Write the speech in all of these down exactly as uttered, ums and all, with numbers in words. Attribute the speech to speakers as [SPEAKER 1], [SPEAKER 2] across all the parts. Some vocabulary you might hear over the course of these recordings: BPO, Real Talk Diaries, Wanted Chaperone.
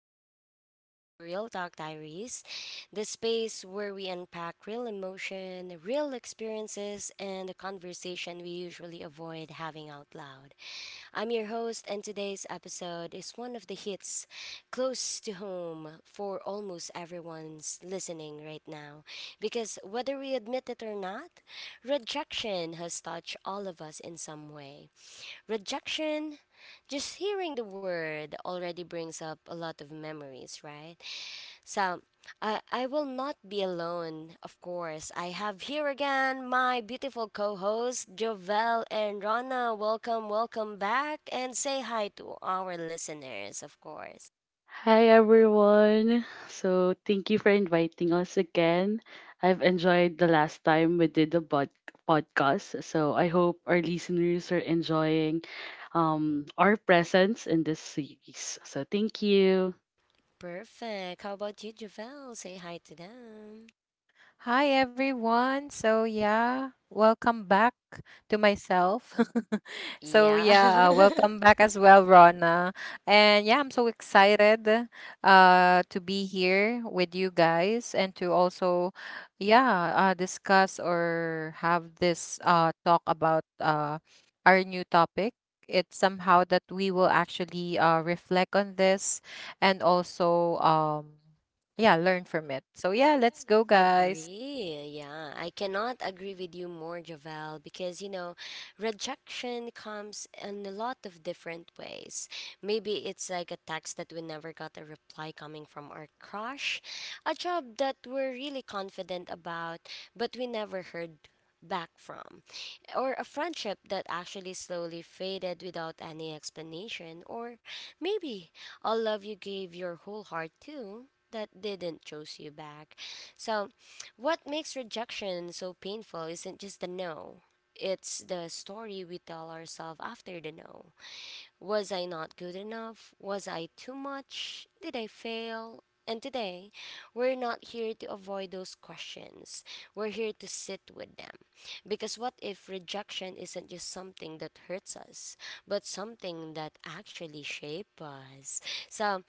[SPEAKER 1] welcome back to Real Talk Diaries, the space where we unpack real emotion, real experiences, and the conversation we usually avoid having out loud. I'm your host, and today's episode is one of the hits close to home for almost everyone's listening right now. Because whether we admit it or not, rejection has touched all of us in some way. Rejection, just hearing the word already brings up a lot of memories, right? So i i will not be alone. Of course, I have here again my beautiful co-hosts Jovel and Rana. Welcome, welcome back, and say hi to our listeners, of course.
[SPEAKER 2] Hi everyone. So thank you for inviting us again. I've enjoyed the last time we did the pod- podcast. So I hope our listeners are enjoying um, our presence in this series. So thank you.
[SPEAKER 1] Perfect. How about you, Jovel? Say hi to them. Yeah. Agree. Yeah, I cannot agree with you more, Javel, because you know, rejection comes in a lot of different ways. Maybe it's like a text that we never got a reply coming from our crush, a job that we're really confident about, but we never heard back from, or a friendship that actually slowly faded without any explanation, or maybe a love you gave your whole heart to that didn't choose you back. So, what makes rejection so painful isn't just the no, it's the story we tell ourselves after the no. Was I not good enough? Was I too much? Did I fail? And today, we're not here to avoid those questions. We're here to sit with them. Because what if rejection isn't just something that hurts us, but something that actually shapes us? So,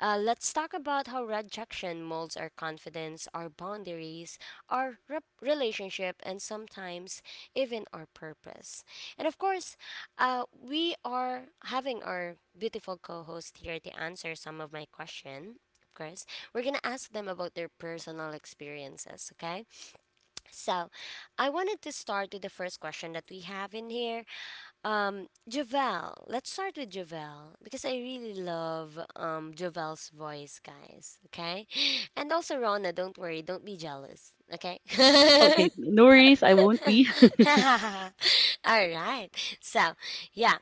[SPEAKER 1] uh, let's talk about how rejection molds our confidence, our boundaries, our rep- relationship, and sometimes even our purpose. And of course, uh, we are having our beautiful co host here to answer some of my question. Of course, we're gonna ask them about their personal experiences, okay? So, I wanted to start with the first question that we have in here. Um, Javel, let's start with Javel because I really love um Javel's voice, guys. Okay, and also Rona, don't worry, don't be jealous. Okay.
[SPEAKER 2] Okay, no worries. I won't be.
[SPEAKER 1] All right. So yeah,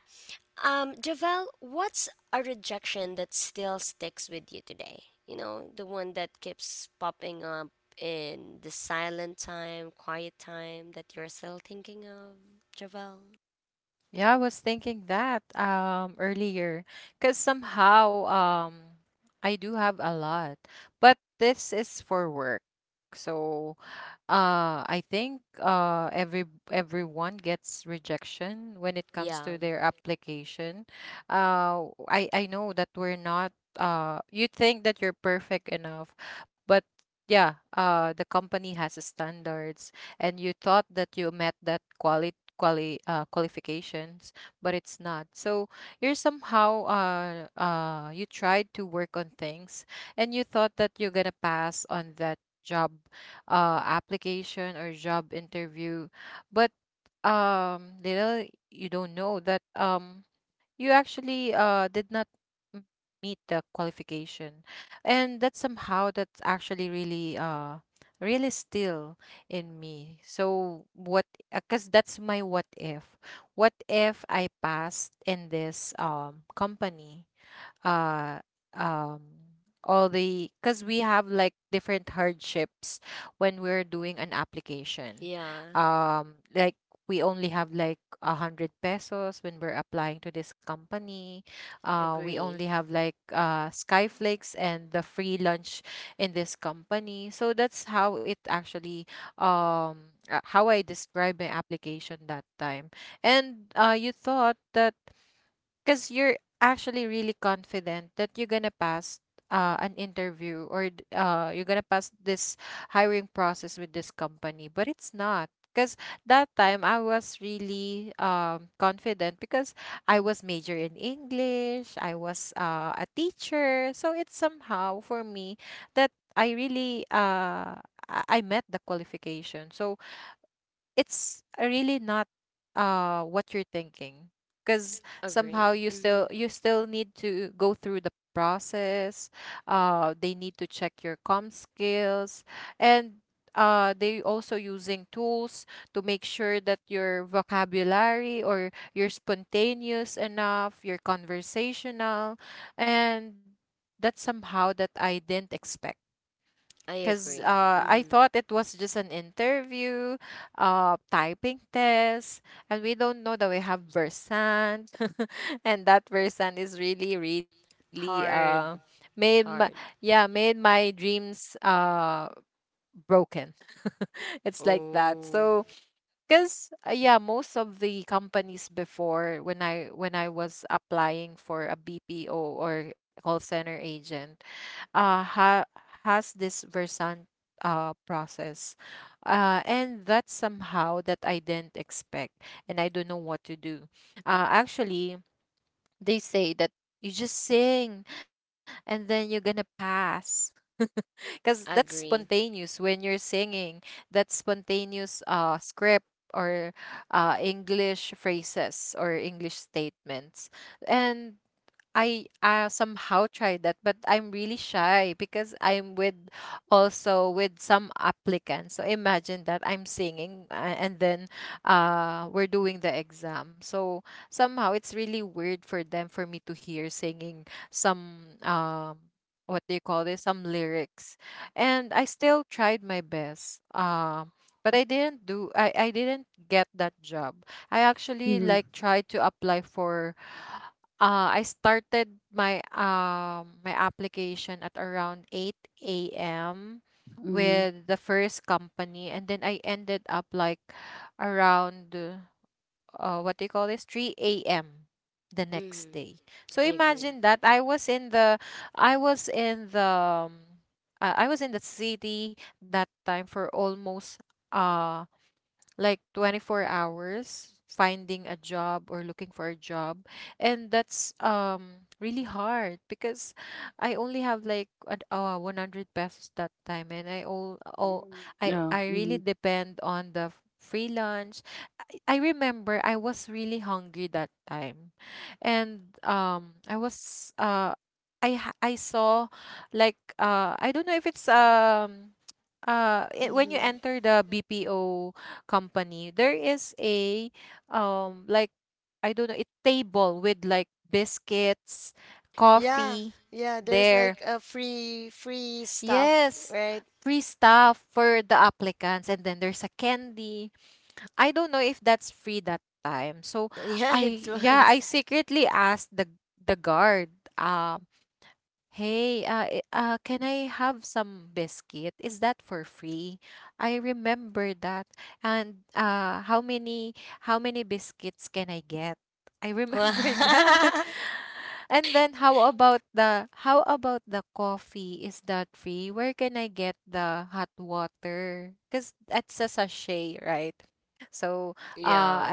[SPEAKER 1] um, Javel, what's a rejection that still sticks with you today? You know, the one that keeps popping up in the silent time, quiet time that you're still thinking of, Javel? Yeah, yeah, agree, agree. Mm-hmm. I agree. Mm-hmm. Hard, hard. Oh, agree.
[SPEAKER 2] mm-hmm, mm-hmm.
[SPEAKER 1] Mm-hmm. I agree.
[SPEAKER 2] Yeah. Mm-hmm.
[SPEAKER 1] Hmm. Yeah, yeah. There's like a free free stuff, right? Yeah, it was. Yeah.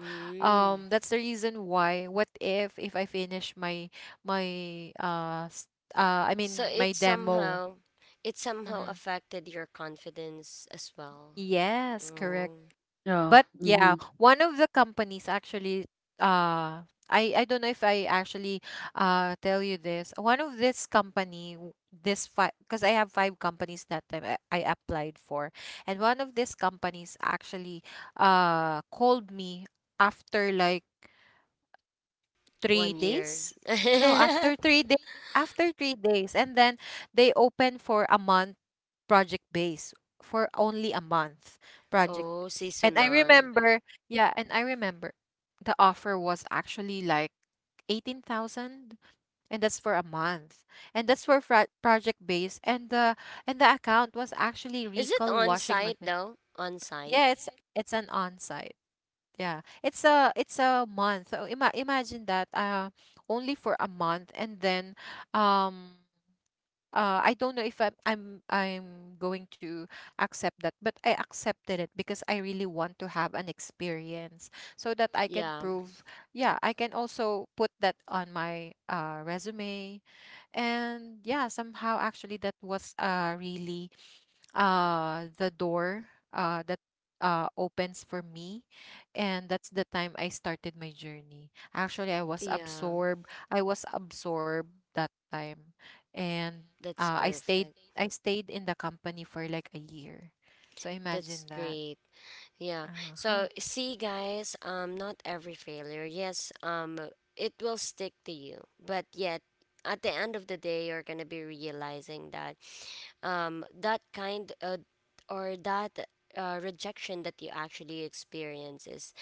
[SPEAKER 1] Mm. So it somehow it somehow affected your confidence as well. Oh,
[SPEAKER 2] Yeah. Mm-hmm.
[SPEAKER 1] one year. Oh, seasonal. Is it on site though? On site? Yeah. Yeah. That's perfect. That's great. Yeah. So see, guys, um not every failure. Yes, um it will stick to you. But yet at the end of the day you're going to be realizing that um that kind uh, or that uh, rejection that you actually experience is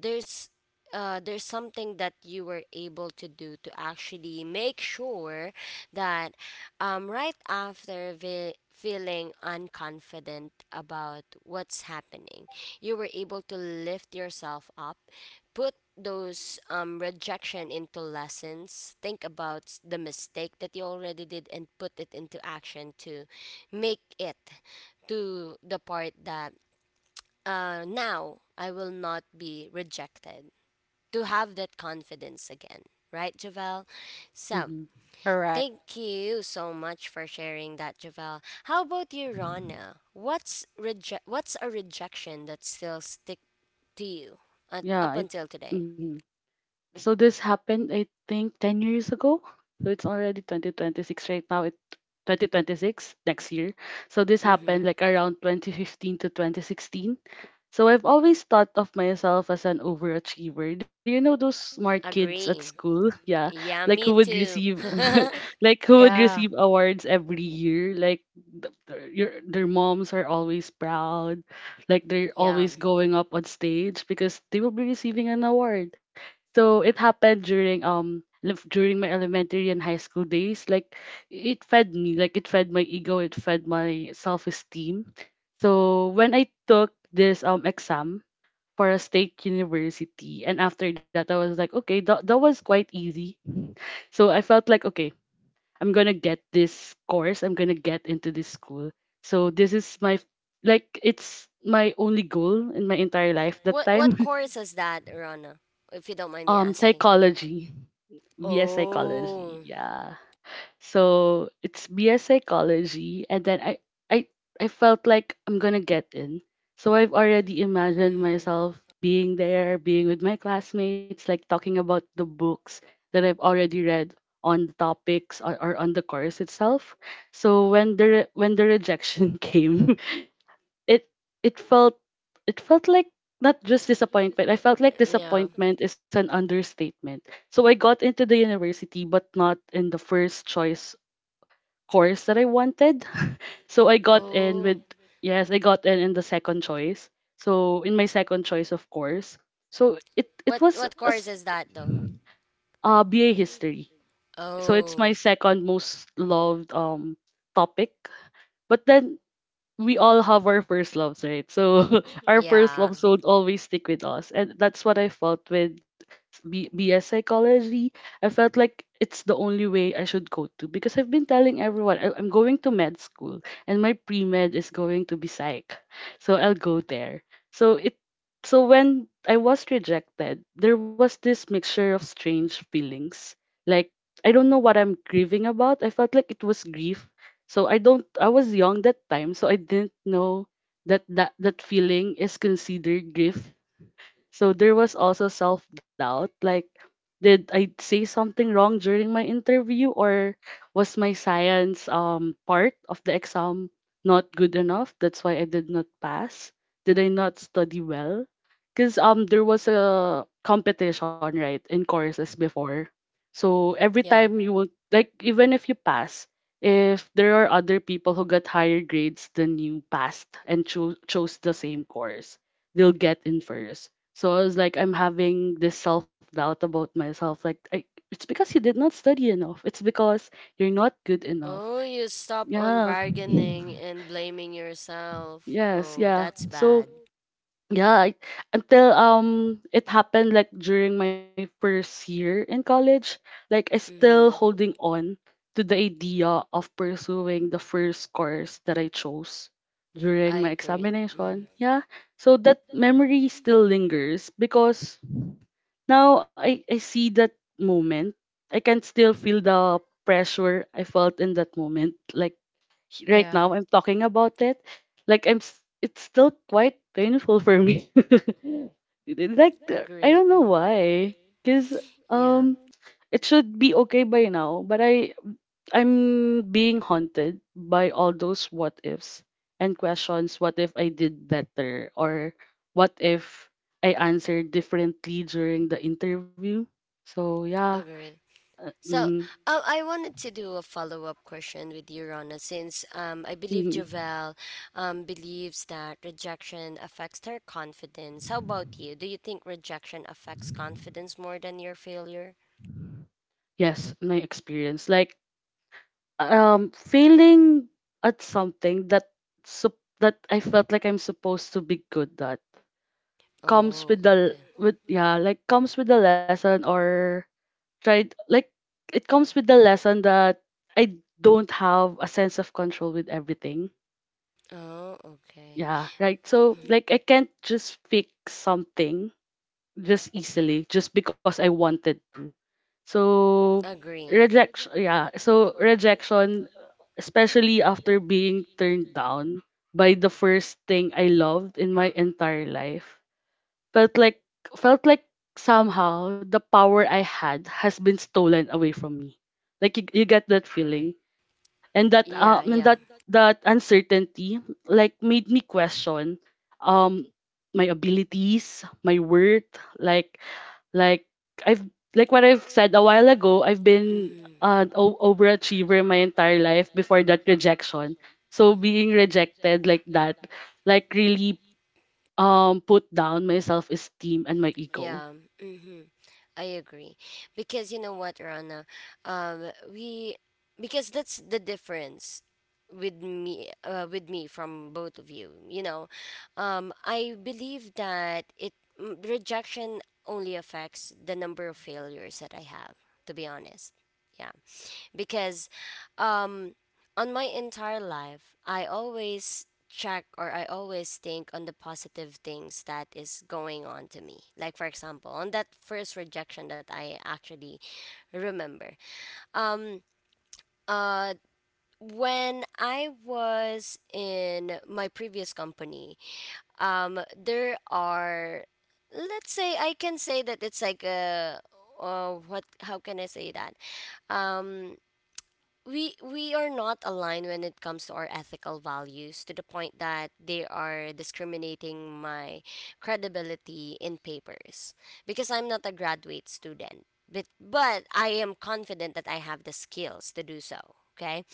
[SPEAKER 1] there's uh, there's something that you were able to do to actually make sure that um, right after ve- feeling unconfident about what's happening, you were able to lift yourself up, put those um, rejection into lessons, think about s- the mistake that you already did, and put it into action to make it to the part that uh, now I will not be rejected, to have that confidence again. Right, Javel? So,
[SPEAKER 2] Mm-hmm.
[SPEAKER 1] thank you so much for sharing that, Javel. How about you, Rana? What's reje- What's a rejection that still stick to you uh, up
[SPEAKER 2] Yeah. It.
[SPEAKER 1] until today?
[SPEAKER 2] Mm-hmm. So this happened, I think, ten years ago. So it's already twenty twenty-six right now. It twenty twenty-six next year. So this
[SPEAKER 1] Mm-hmm.
[SPEAKER 2] happened like around twenty fifteen to twenty sixteen. So I've always thought of myself as an overachiever. Do you know those smart kids at
[SPEAKER 1] Agree.
[SPEAKER 2] school? Yeah, like
[SPEAKER 1] Yeah,
[SPEAKER 2] who
[SPEAKER 1] me
[SPEAKER 2] would
[SPEAKER 1] too.
[SPEAKER 2] receive, like who would receive awards every year? Like th- their your, their moms are always proud, like they're
[SPEAKER 1] Yeah.
[SPEAKER 2] always going up on stage because they will be receiving an award, so it happened during um lef- during my elementary and high school days. Like it fed me, like it fed my ego, it fed my self-esteem. So when I took this um exam for a state university, and after that I was like, okay, that that was quite easy. So I felt like, okay, I'm gonna get this course. I'm gonna get into this school. So this is my f- like it's my only goal in my entire life
[SPEAKER 1] What
[SPEAKER 2] that
[SPEAKER 1] What
[SPEAKER 2] time.
[SPEAKER 1] course is that, Rana? If you don't mind me
[SPEAKER 2] Um
[SPEAKER 1] asking.
[SPEAKER 2] psychology, B S
[SPEAKER 1] Oh.
[SPEAKER 2] psychology. Yeah. So it's B S psychology, and then I I I felt like I'm going to get in. So I've already imagined
[SPEAKER 1] Mm-hmm.
[SPEAKER 2] myself being there, being with my classmates, like talking about the books that I've already read on the topics, or, or on the course itself. So when the re- when the rejection came, it it felt it felt like not just disappointment. I felt like
[SPEAKER 1] Yeah.
[SPEAKER 2] disappointment is an understatement. So I got into the university, but not in the first choice course that I wanted. So I got in
[SPEAKER 1] Oh.
[SPEAKER 2] with, yes, I got in in the second choice. So in my second choice, of course. So it it
[SPEAKER 1] What
[SPEAKER 2] was a
[SPEAKER 1] What
[SPEAKER 2] s-
[SPEAKER 1] course is that though?
[SPEAKER 2] uh, B A history. So it's my
[SPEAKER 1] Oh.
[SPEAKER 2] second most loved um topic. But then we all have our first loves, right? So our first
[SPEAKER 1] Yeah.
[SPEAKER 2] loves will always stick with us. And that's what I felt with B- BS psychology. I felt like it's the only way I should go to, because I've been telling everyone I- I'm going to med school and my pre med is going to be psych. So I'll go there. So it so when I was rejected, there was this mixture of strange feelings. Like I don't know what I'm grieving about. I felt like it was grief, so I don't I was young that time, so I didn't know that that, that feeling is considered grief. So there was also self doubt, like, did I say something wrong during my interview, or was my science um, part of the exam not good enough? That's why I did not pass. Did I not study well? Because um, there was a competition, right, in courses before. So every
[SPEAKER 1] Yeah.
[SPEAKER 2] time you won't, like, even if you pass, if there are other people who got higher grades than you passed and cho- chose the same course, they'll get in first. So I was like, I'm having this self doubt about myself. Like, I, it's because you did not study enough. It's because you're not good enough.
[SPEAKER 1] Oh, you stop on
[SPEAKER 2] Yeah.
[SPEAKER 1] bargaining and blaming yourself.
[SPEAKER 2] Yes.
[SPEAKER 1] Oh,
[SPEAKER 2] Yeah.
[SPEAKER 1] that's
[SPEAKER 2] So
[SPEAKER 1] bad.
[SPEAKER 2] yeah, I, until um it happened like during my first year in college, like I still
[SPEAKER 1] Mm-hmm.
[SPEAKER 2] holding on to the idea of pursuing the first course that I chose during
[SPEAKER 1] I
[SPEAKER 2] my
[SPEAKER 1] agree. Mm-hmm.
[SPEAKER 2] examination. Yeah. So that memory still lingers because now I, I see that moment. I can still feel the pressure I felt in that moment. Like h- right now I'm talking about it. Like I'm s- it's still quite painful for me. It- like the- I
[SPEAKER 1] Agree.
[SPEAKER 2] don't know
[SPEAKER 1] Mm-hmm.
[SPEAKER 2] why. Cause um
[SPEAKER 1] Yeah,
[SPEAKER 2] it should be okay by now, but I I'm being haunted by all those what ifs and questions. What if I did better? Or what if I answered differently during the interview? So yeah,
[SPEAKER 1] agree.
[SPEAKER 2] uh,
[SPEAKER 1] So,
[SPEAKER 2] mm,
[SPEAKER 1] um, I wanted to do a follow-up question with you, Rana, since um, I believe
[SPEAKER 2] mm,
[SPEAKER 1] Javel um, believes that rejection affects her confidence. How about you? Do you think rejection affects confidence more than your failure?
[SPEAKER 2] yes, my experience, like um failing at something that sup- that I felt like I'm supposed to be good at comes
[SPEAKER 1] Oh,
[SPEAKER 2] with the
[SPEAKER 1] okay.
[SPEAKER 2] with yeah, like comes with the lesson, or tried like it comes with the lesson that I don't have a sense of control with everything.
[SPEAKER 1] Oh, okay.
[SPEAKER 2] Yeah, right. So like I can't just fix something just easily just because I wanted to. So
[SPEAKER 1] Agree.
[SPEAKER 2] rejection yeah, so rejection, especially after being turned down by the first thing I loved in my entire life, felt like felt like somehow the power I had has been stolen away from me. Like you, you get that feeling, and that
[SPEAKER 1] Yeah,
[SPEAKER 2] um and
[SPEAKER 1] yeah.
[SPEAKER 2] that that uncertainty like made me question um my abilities, my worth, like like I've like what I've said a while ago. I've been
[SPEAKER 1] Mm, oh
[SPEAKER 2] an o- overachiever my entire life before that rejection. So being rejected like that, like really um put down my self-esteem
[SPEAKER 1] my
[SPEAKER 2] and
[SPEAKER 1] God.
[SPEAKER 2] my
[SPEAKER 1] Yeah,
[SPEAKER 2] ego.
[SPEAKER 1] mm-hmm. I agree. Because you know what, Rana, um, we because that's the difference with me uh, with me from both of you. You know, um, I believe that it mm, rejection only affects the number of failures that I have. To be honest, yeah, because um on my entire life I always check or I always think on the positive things that is going on to me. Like, for example, on that first rejection that I actually remember. Um uh when I was in my previous company, um there are, let's say I can say that it's like a uh, what, how can I say that? Um we we are not aligned when it comes to our ethical values, to the point that they are discriminating my credibility in papers because I'm not a graduate student, but but I am confident that I have the skills to do so. Okay.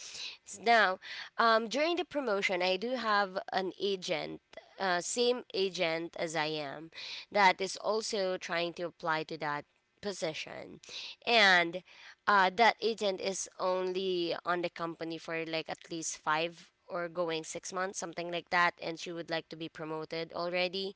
[SPEAKER 1] S- Now, um, during the promotion, I do have an agent, uh, same agent as I am, that is also trying to apply to that position. And uh, that agent is only on the company for like at least five or going six months, something like that. And she would like to be promoted already.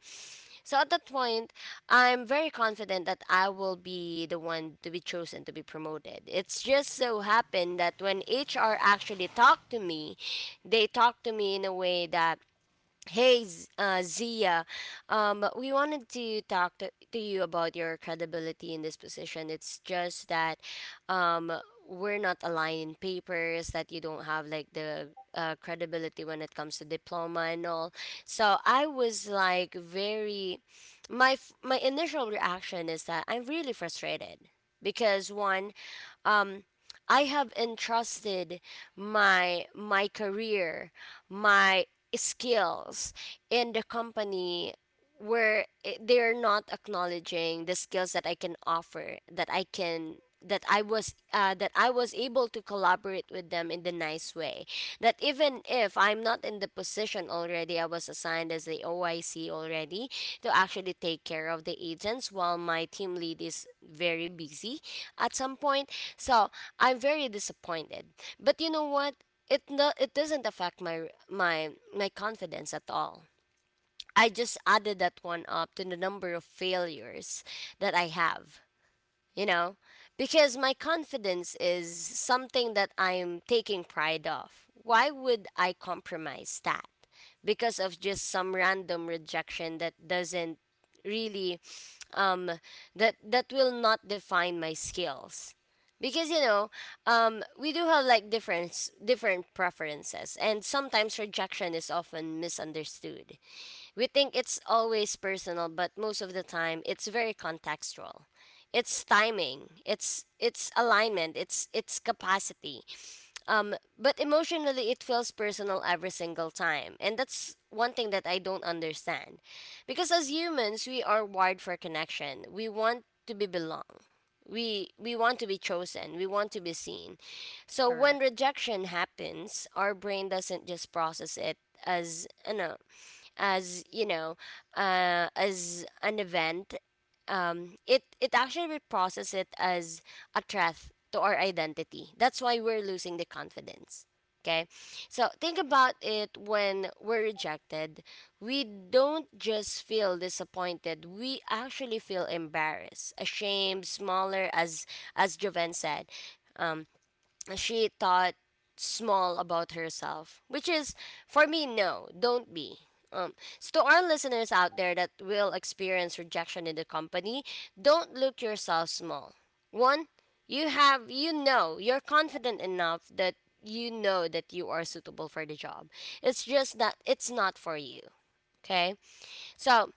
[SPEAKER 1] So at that point, I'm very confident that I will be the one to be chosen to be promoted. It's just so happened that when H R actually talked to me, they talked to me in a way that, hey, Z- uh, Zia, um, we wanted to talk to, to you about your credibility in this position. It's just that um, we're not aligned in papers, that you don't have like the uh, credibility when it comes to diploma and all. So I was like very, my f- my initial reaction is that I'm really frustrated because, one, um, I have entrusted my my career, my skills in the company where it, they're not acknowledging the skills that I can offer, that I can that I was uh, that I was able to collaborate with them in the nice way, that even if I'm not in the position already, I was assigned as the O I C already to actually take care of the agents while my team lead is very busy at some point. So I'm very disappointed, but you know what, it no, it doesn't affect my my my confidence at all. I just added that one up to the number of failures that I have, you know? Because my confidence is something that I'm taking pride of. Why would I compromise that? Because of just some random rejection that doesn't really um that that will not define my skills, because you know, um, we do have like different different preferences, and sometimes rejection is often misunderstood. We think it's always personal, but most of the time it's very contextual. It's timing, it's it's alignment, it's it's capacity. Um, but emotionally, it feels personal every single time. And that's one thing that I don't understand. Because as humans, we are wired for connection. We want to be belong. We, we want to be chosen. We want to be seen. So when rejection happens, our brain doesn't just process it as, you know, as you know uh, as an event. um, it it actually reprocesses it as a threat to our identity. That's why we're losing the confidence. Okay, so think about it when we're rejected. We don't just feel disappointed. We actually feel embarrassed, ashamed, smaller, as as Joven said. Um, she thought small about herself, which is, for me, no, don't be. Um, so to our listeners out there that will experience rejection in the company, don't look yourself small. One, you have, you know, you're confident enough that you know that you are suitable for the job. It's just that it's not for you. Okay, so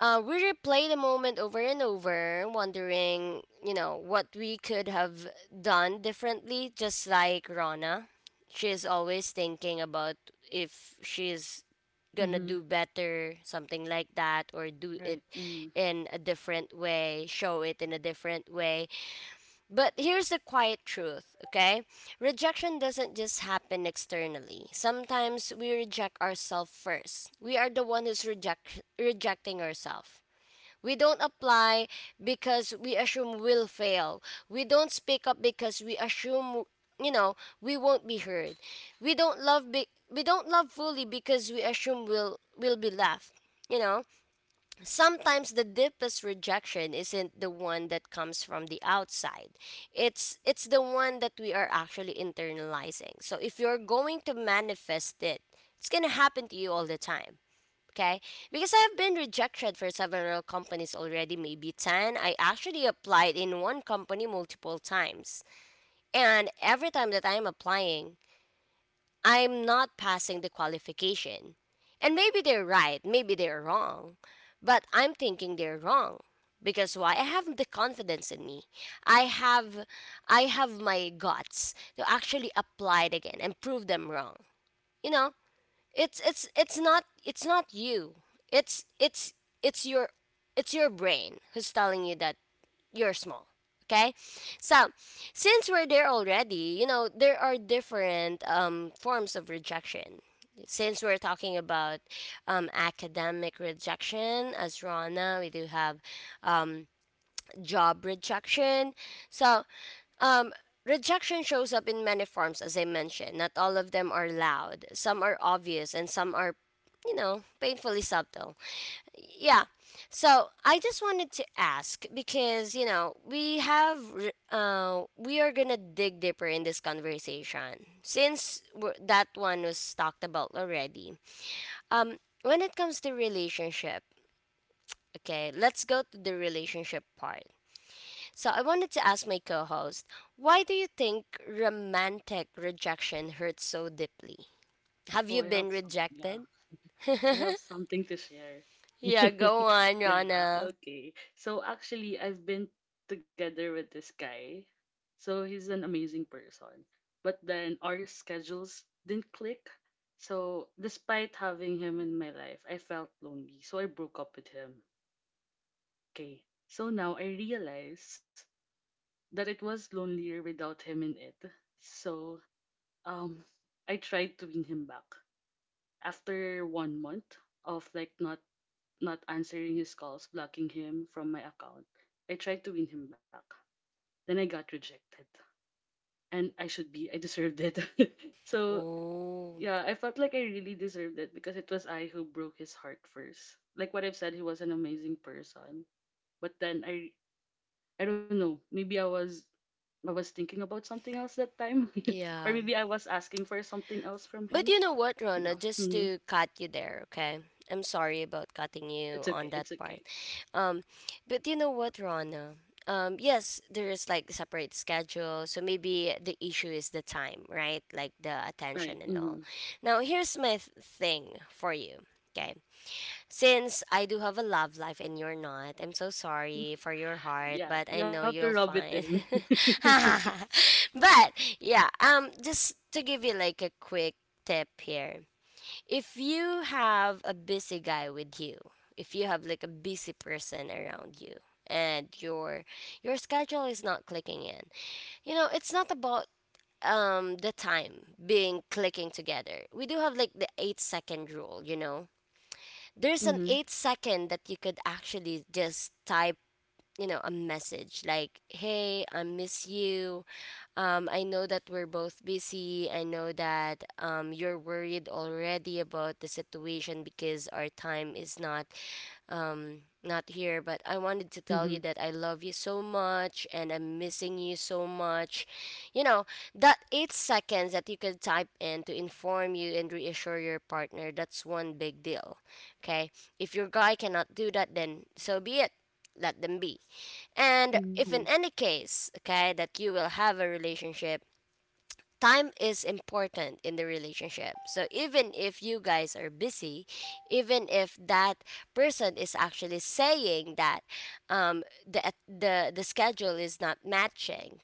[SPEAKER 1] uh, we replay the moment over and over, wondering, you know, what we could have done differently, just like Rana. She's always thinking about if she's gonna
[SPEAKER 2] Mm-hmm.
[SPEAKER 1] do better, something like that, or do it
[SPEAKER 2] Right. Mm.
[SPEAKER 1] in a different way, show it in a different way. But here's the quiet truth, okay? Rejection doesn't just happen externally. Sometimes we reject ourselves first. We are the one who's reject rejecting ourselves. We don't apply because we assume we'll fail. We don't speak up because we assume you know we won't be heard. We don't love be- we don't love fully because we assume we'll we'll be left. You know sometimes the deepest rejection isn't the one that comes from the outside, it's it's the one that we are actually internalizing. So if you're going to manifest it, it's going to happen to you all the time. Okay? Because I have been rejected for several companies already, maybe ten. I actually applied in one company multiple times, and every time that I'm applying, I'm not passing the qualification. And maybe they're right, maybe they're wrong, but I'm thinking they're wrong because why? I have the confidence in me. I have I have my guts to actually apply it again and prove them wrong. You know, it's it's it's not it's not you. It's it's it's your it's your brain who's telling you that you're small. Okay? So, since we're there already, you know, there are different um, forms of rejection. Since we're talking about um, academic rejection, as Rana, we do have um, job rejection. So, um, rejection shows up in many forms, as I mentioned. Not all of them are loud. Some are obvious, and some are, you know, painfully subtle. Yeah. So I just wanted to ask because you know we have re- uh, we are gonna dig deeper in this conversation, since we that one was talked about already. Um, when it comes to relationship, okay, let's go to the relationship part. So I wanted to ask my co host, why do you think romantic rejection hurts so deeply? Have
[SPEAKER 2] Oh,
[SPEAKER 1] you
[SPEAKER 2] I
[SPEAKER 1] been
[SPEAKER 2] have some. Yeah,
[SPEAKER 1] rejected?
[SPEAKER 2] I have something to share.
[SPEAKER 1] Yeah, go on,
[SPEAKER 2] Yeah.
[SPEAKER 1] Rana.
[SPEAKER 2] Okay. So actually, I've been together with this guy. So he's an amazing person. But then our schedules didn't click. So despite having him in my life, I felt lonely. So I broke up with him. Okay. So now I realize that it was lonelier without him in it. So um I tried to win him back. After one month of like not not answering his calls, blocking him from my account, I tried to win him back. Then I got rejected. And I should be, I deserved it. So
[SPEAKER 1] Oh,
[SPEAKER 2] yeah, I felt like I really deserved it because it was I who broke his heart first. Like what I've said, he was an amazing person. But then I I don't know, maybe I was I was thinking about something else that time. Or
[SPEAKER 1] yeah.
[SPEAKER 2] maybe I was asking for something else from
[SPEAKER 1] But you
[SPEAKER 2] him.
[SPEAKER 1] know what, Rona, just
[SPEAKER 2] Yeah.
[SPEAKER 1] to cut you there, okay? I'm sorry about cutting you
[SPEAKER 2] It's
[SPEAKER 1] on
[SPEAKER 2] okay.
[SPEAKER 1] that
[SPEAKER 2] It's
[SPEAKER 1] part.
[SPEAKER 2] okay.
[SPEAKER 1] Um, but you know what, Rona? Um, yes, there is like separate schedule, so maybe the issue is the time, right? Like the attention
[SPEAKER 2] Right.
[SPEAKER 1] and all.
[SPEAKER 2] Hmm.
[SPEAKER 1] Now, here's my th- thing for you, okay? Since I do have a love life and you're not, I'm so sorry for your heart,
[SPEAKER 2] Yeah,
[SPEAKER 1] but I
[SPEAKER 2] you
[SPEAKER 1] know
[SPEAKER 2] have to
[SPEAKER 1] you'll
[SPEAKER 2] rub it
[SPEAKER 1] find.
[SPEAKER 2] in.
[SPEAKER 1] But yeah, um, just to give you like a quick tip here, if you have a busy guy with you, if you have like a busy person around you, and your your schedule is not clicking in, you know, it's not about um the time being clicking together. We do have like the eight second rule, you know, there's an
[SPEAKER 2] Mm-hmm.
[SPEAKER 1] eight second that you could actually just type, you know, a message like, hey, I miss you. um, I know that we're both busy. I know that, um, you're worried already about the situation because our time is not um, not here, but I wanted to tell you
[SPEAKER 2] Mm-hmm.
[SPEAKER 1] that I love you so much and I'm missing you so much. You know, that eight seconds that you could type in to inform you and reassure your partner, that's one big deal. Okay? If your guy cannot do that, then so be it. Let them be. And if
[SPEAKER 2] Mm-hmm.
[SPEAKER 1] in any case, okay, that you will have a relationship, time is important in the relationship. So even if you guys are busy, even if that person is actually saying that, um, the the the schedule is not matching,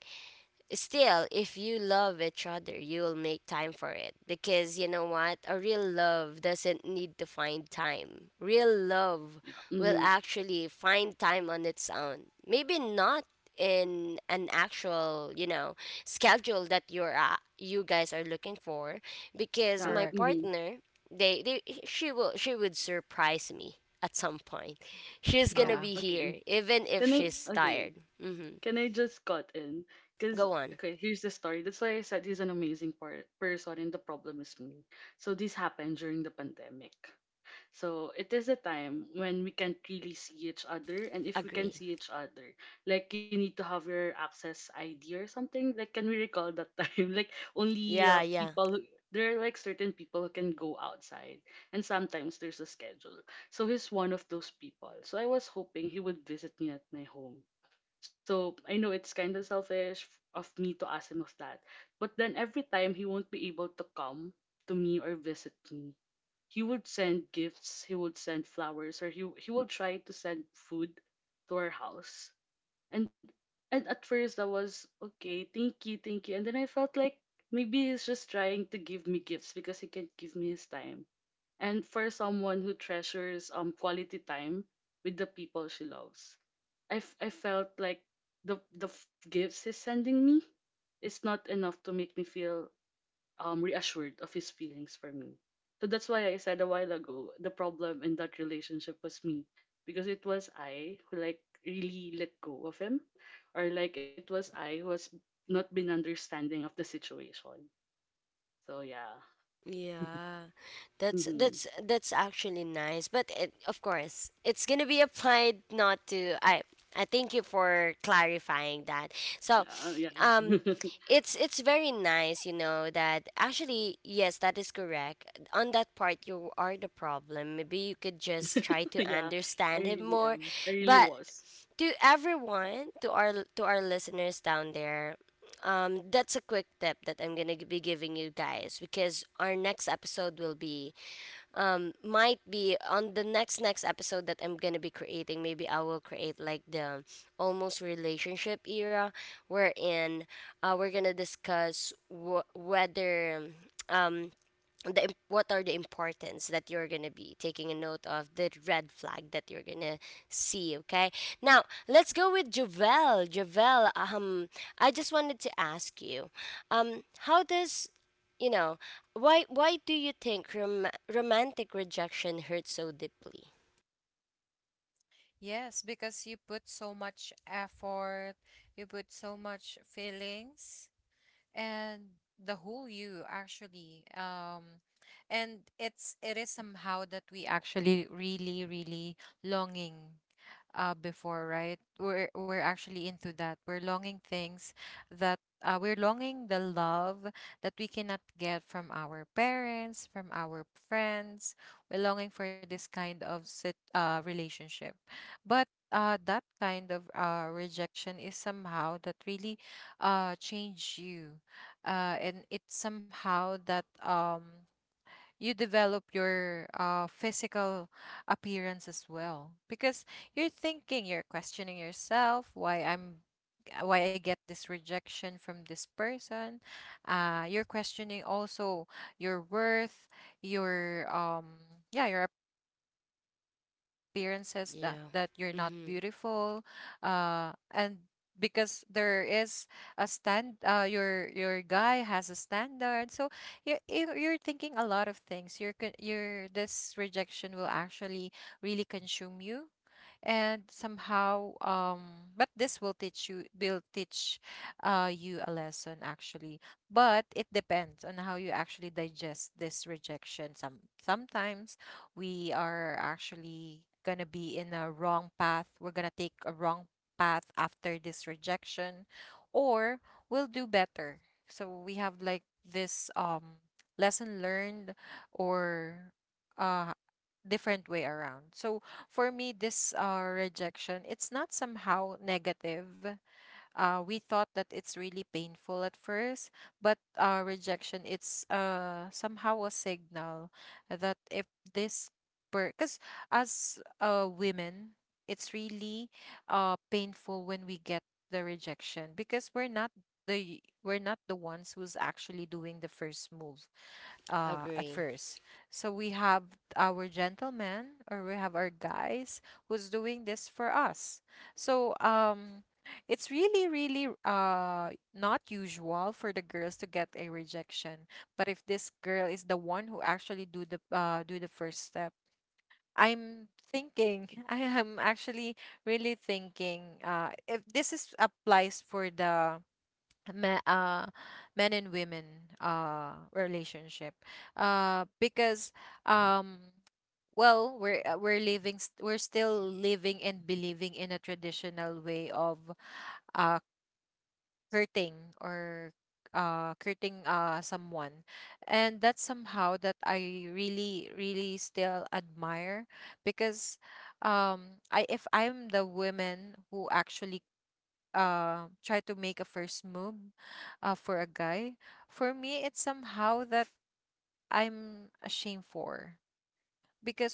[SPEAKER 1] still, if you love each other, you'll make time for it. Because you know what? A real love doesn't need to find time. Real love
[SPEAKER 2] Yeah.
[SPEAKER 1] will
[SPEAKER 2] Mm-hmm.
[SPEAKER 1] actually find time on its own. Maybe not in an actual, you know, schedule that you're uh, you guys are looking for, because
[SPEAKER 2] Yeah.
[SPEAKER 1] my
[SPEAKER 2] Mm-hmm.
[SPEAKER 1] partner, they, they she will she would surprise me at some point. She's going to
[SPEAKER 2] Um.
[SPEAKER 1] be
[SPEAKER 2] Okay.
[SPEAKER 1] here even if
[SPEAKER 2] Can I?
[SPEAKER 1] she's
[SPEAKER 2] Okay.
[SPEAKER 1] tired. Mhm.
[SPEAKER 2] Can I just cut in? Cause
[SPEAKER 1] Go on.
[SPEAKER 2] Okay, here's the story. That's why I said he's an amazing par. Person, and the problem is me. So this happened during the pandemic. So it is a time when we can't really see each other, and if we can
[SPEAKER 1] Agree.
[SPEAKER 2] see each other, like you need to have your access I D or something. Like, can we recall that time? Like, only
[SPEAKER 1] Yeah,
[SPEAKER 2] uh,
[SPEAKER 1] yeah.
[SPEAKER 2] people who- there are like certain people who can go outside, and sometimes there's a schedule. So he's one of those people. So I was hoping he would visit me at my home. So I know it's kind of selfish f- of me to ask him of that, but then every time he won't be able to come to me or visit me, he would send gifts, he would send flowers, or he he would try to send food to our house. And and at first I was okay, thank you, thank you. And then I felt like maybe he's just trying to give me gifts because he can't give me his time. And for someone who treasures um quality time with the people she loves, I, f- I felt like the the f- gifts he's sending me is not enough to make me feel um reassured of his feelings for me. So that's why I said a while ago the problem in that relationship was me, because it was I who like really let go of him, or like it was I who has not been understanding of the situation. So yeah.
[SPEAKER 1] Yeah. That's
[SPEAKER 2] Mm-hmm.
[SPEAKER 1] that's that's actually nice. But it, of course, it's going to be applied not to I. I thank you for clarifying that. So,
[SPEAKER 2] Yeah, yeah.
[SPEAKER 1] um it's it's very nice, you know, that actually yes, that is correct. On that part you are the problem. Maybe you could just try to
[SPEAKER 2] Yeah, I
[SPEAKER 1] understand him
[SPEAKER 2] really
[SPEAKER 1] more.
[SPEAKER 2] am. I really
[SPEAKER 1] But
[SPEAKER 2] was.
[SPEAKER 1] to everyone, to our to our listeners down there, um that's a quick tip that I'm gonna be giving you guys, because our next episode will be um might be on the next next episode that I'm gonna be creating. Maybe I will create like the almost relationship era, wherein uh, we're gonna discuss wh- whether um the im- what are the importance that you're gonna be taking a note of, the red flag that you're gonna see. Okay, now let's go with Javel. Javel, um I just wanted to ask you, um how does, you know, why why do you think rom- romantic rejection hurts so deeply? Yeah. Mm-hmm. Agree.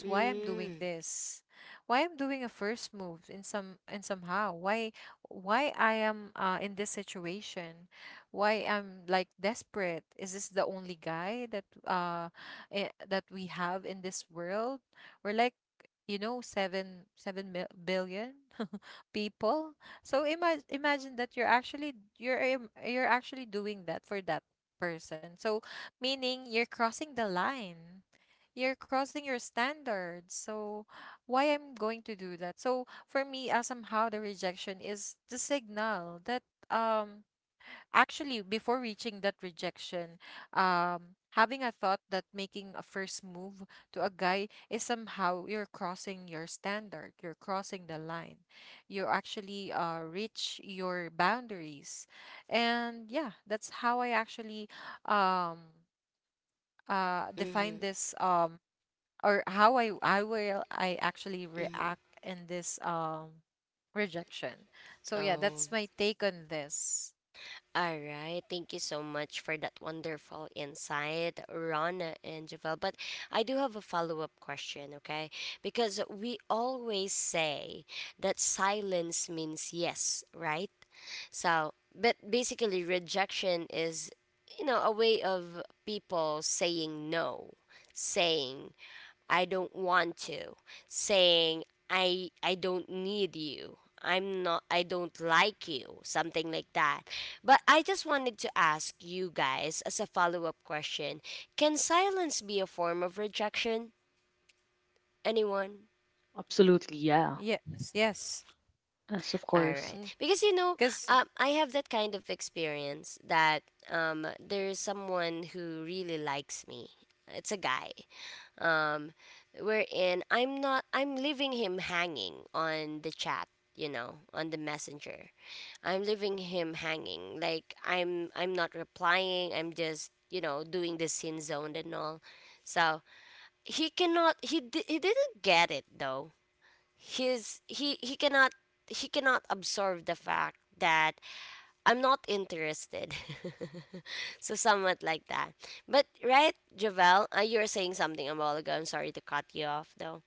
[SPEAKER 1] Mm. Mm-hmm. Mm-hmm. Oh. All right. Thank you so much for that wonderful insight, Rana and Javel. But I do have a follow up question, okay? Because we always say that silence means yes, right? So, but basically, rejection is, you know, a way of people saying no, saying I don't want to, saying I I don't need you. I'm not I don't like you, something like that. But I just wanted to ask you guys as a follow-up question, can silence be a form of rejection? Anyone?
[SPEAKER 2] Absolutely, yeah. Yes, of
[SPEAKER 1] All
[SPEAKER 2] course.
[SPEAKER 1] right. Because you know, um, I have that kind of experience that, um, there's someone who really likes me. It's a guy. um, wherein I'm not I'm leaving him hanging on the chat, you know, on the messenger. I'm leaving him hanging. Like I'm I'm not replying. I'm just, you know, doing the sin zone and all. So he cannot he di- he didn't get it though. His he he cannot, he cannot absorb the fact that I'm not interested. So somewhat like that. But right, Javel, uh, you were saying something a while ago. I'm sorry to cut you off though.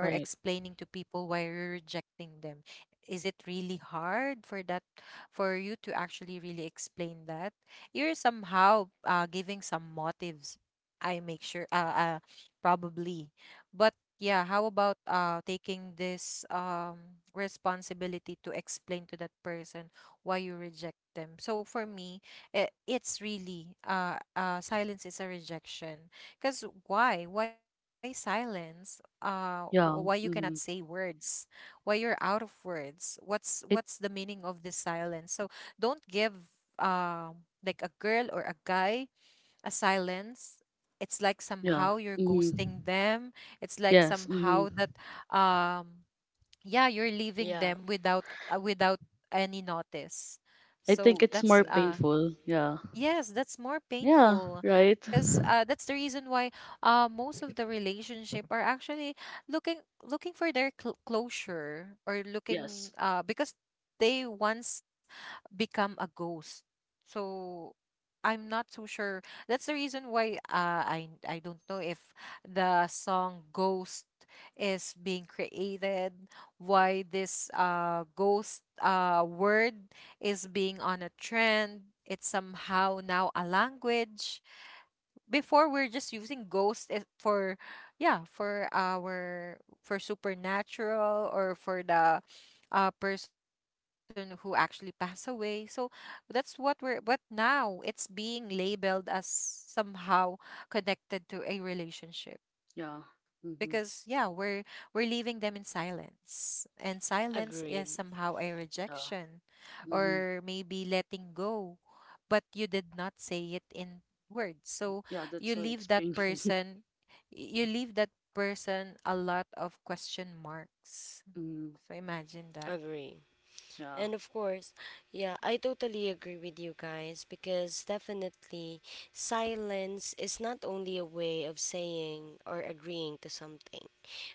[SPEAKER 2] Right. Yeah. Mm-hmm. It yeah. Mm-hmm. Yes. Mm-hmm.
[SPEAKER 1] Yeah,
[SPEAKER 2] I think it's more
[SPEAKER 1] agree.
[SPEAKER 2] painful. Yeah. Yeah, right. Yes. Yeah. Mm-hmm.
[SPEAKER 1] Agreed.
[SPEAKER 2] Yeah. Mm-hmm. Yeah. That's why it's painful. Mm.
[SPEAKER 1] Agree.
[SPEAKER 2] Yeah.
[SPEAKER 1] And of course, yeah, I totally agree with you guys, because definitely silence is not only a way of saying or agreeing to something.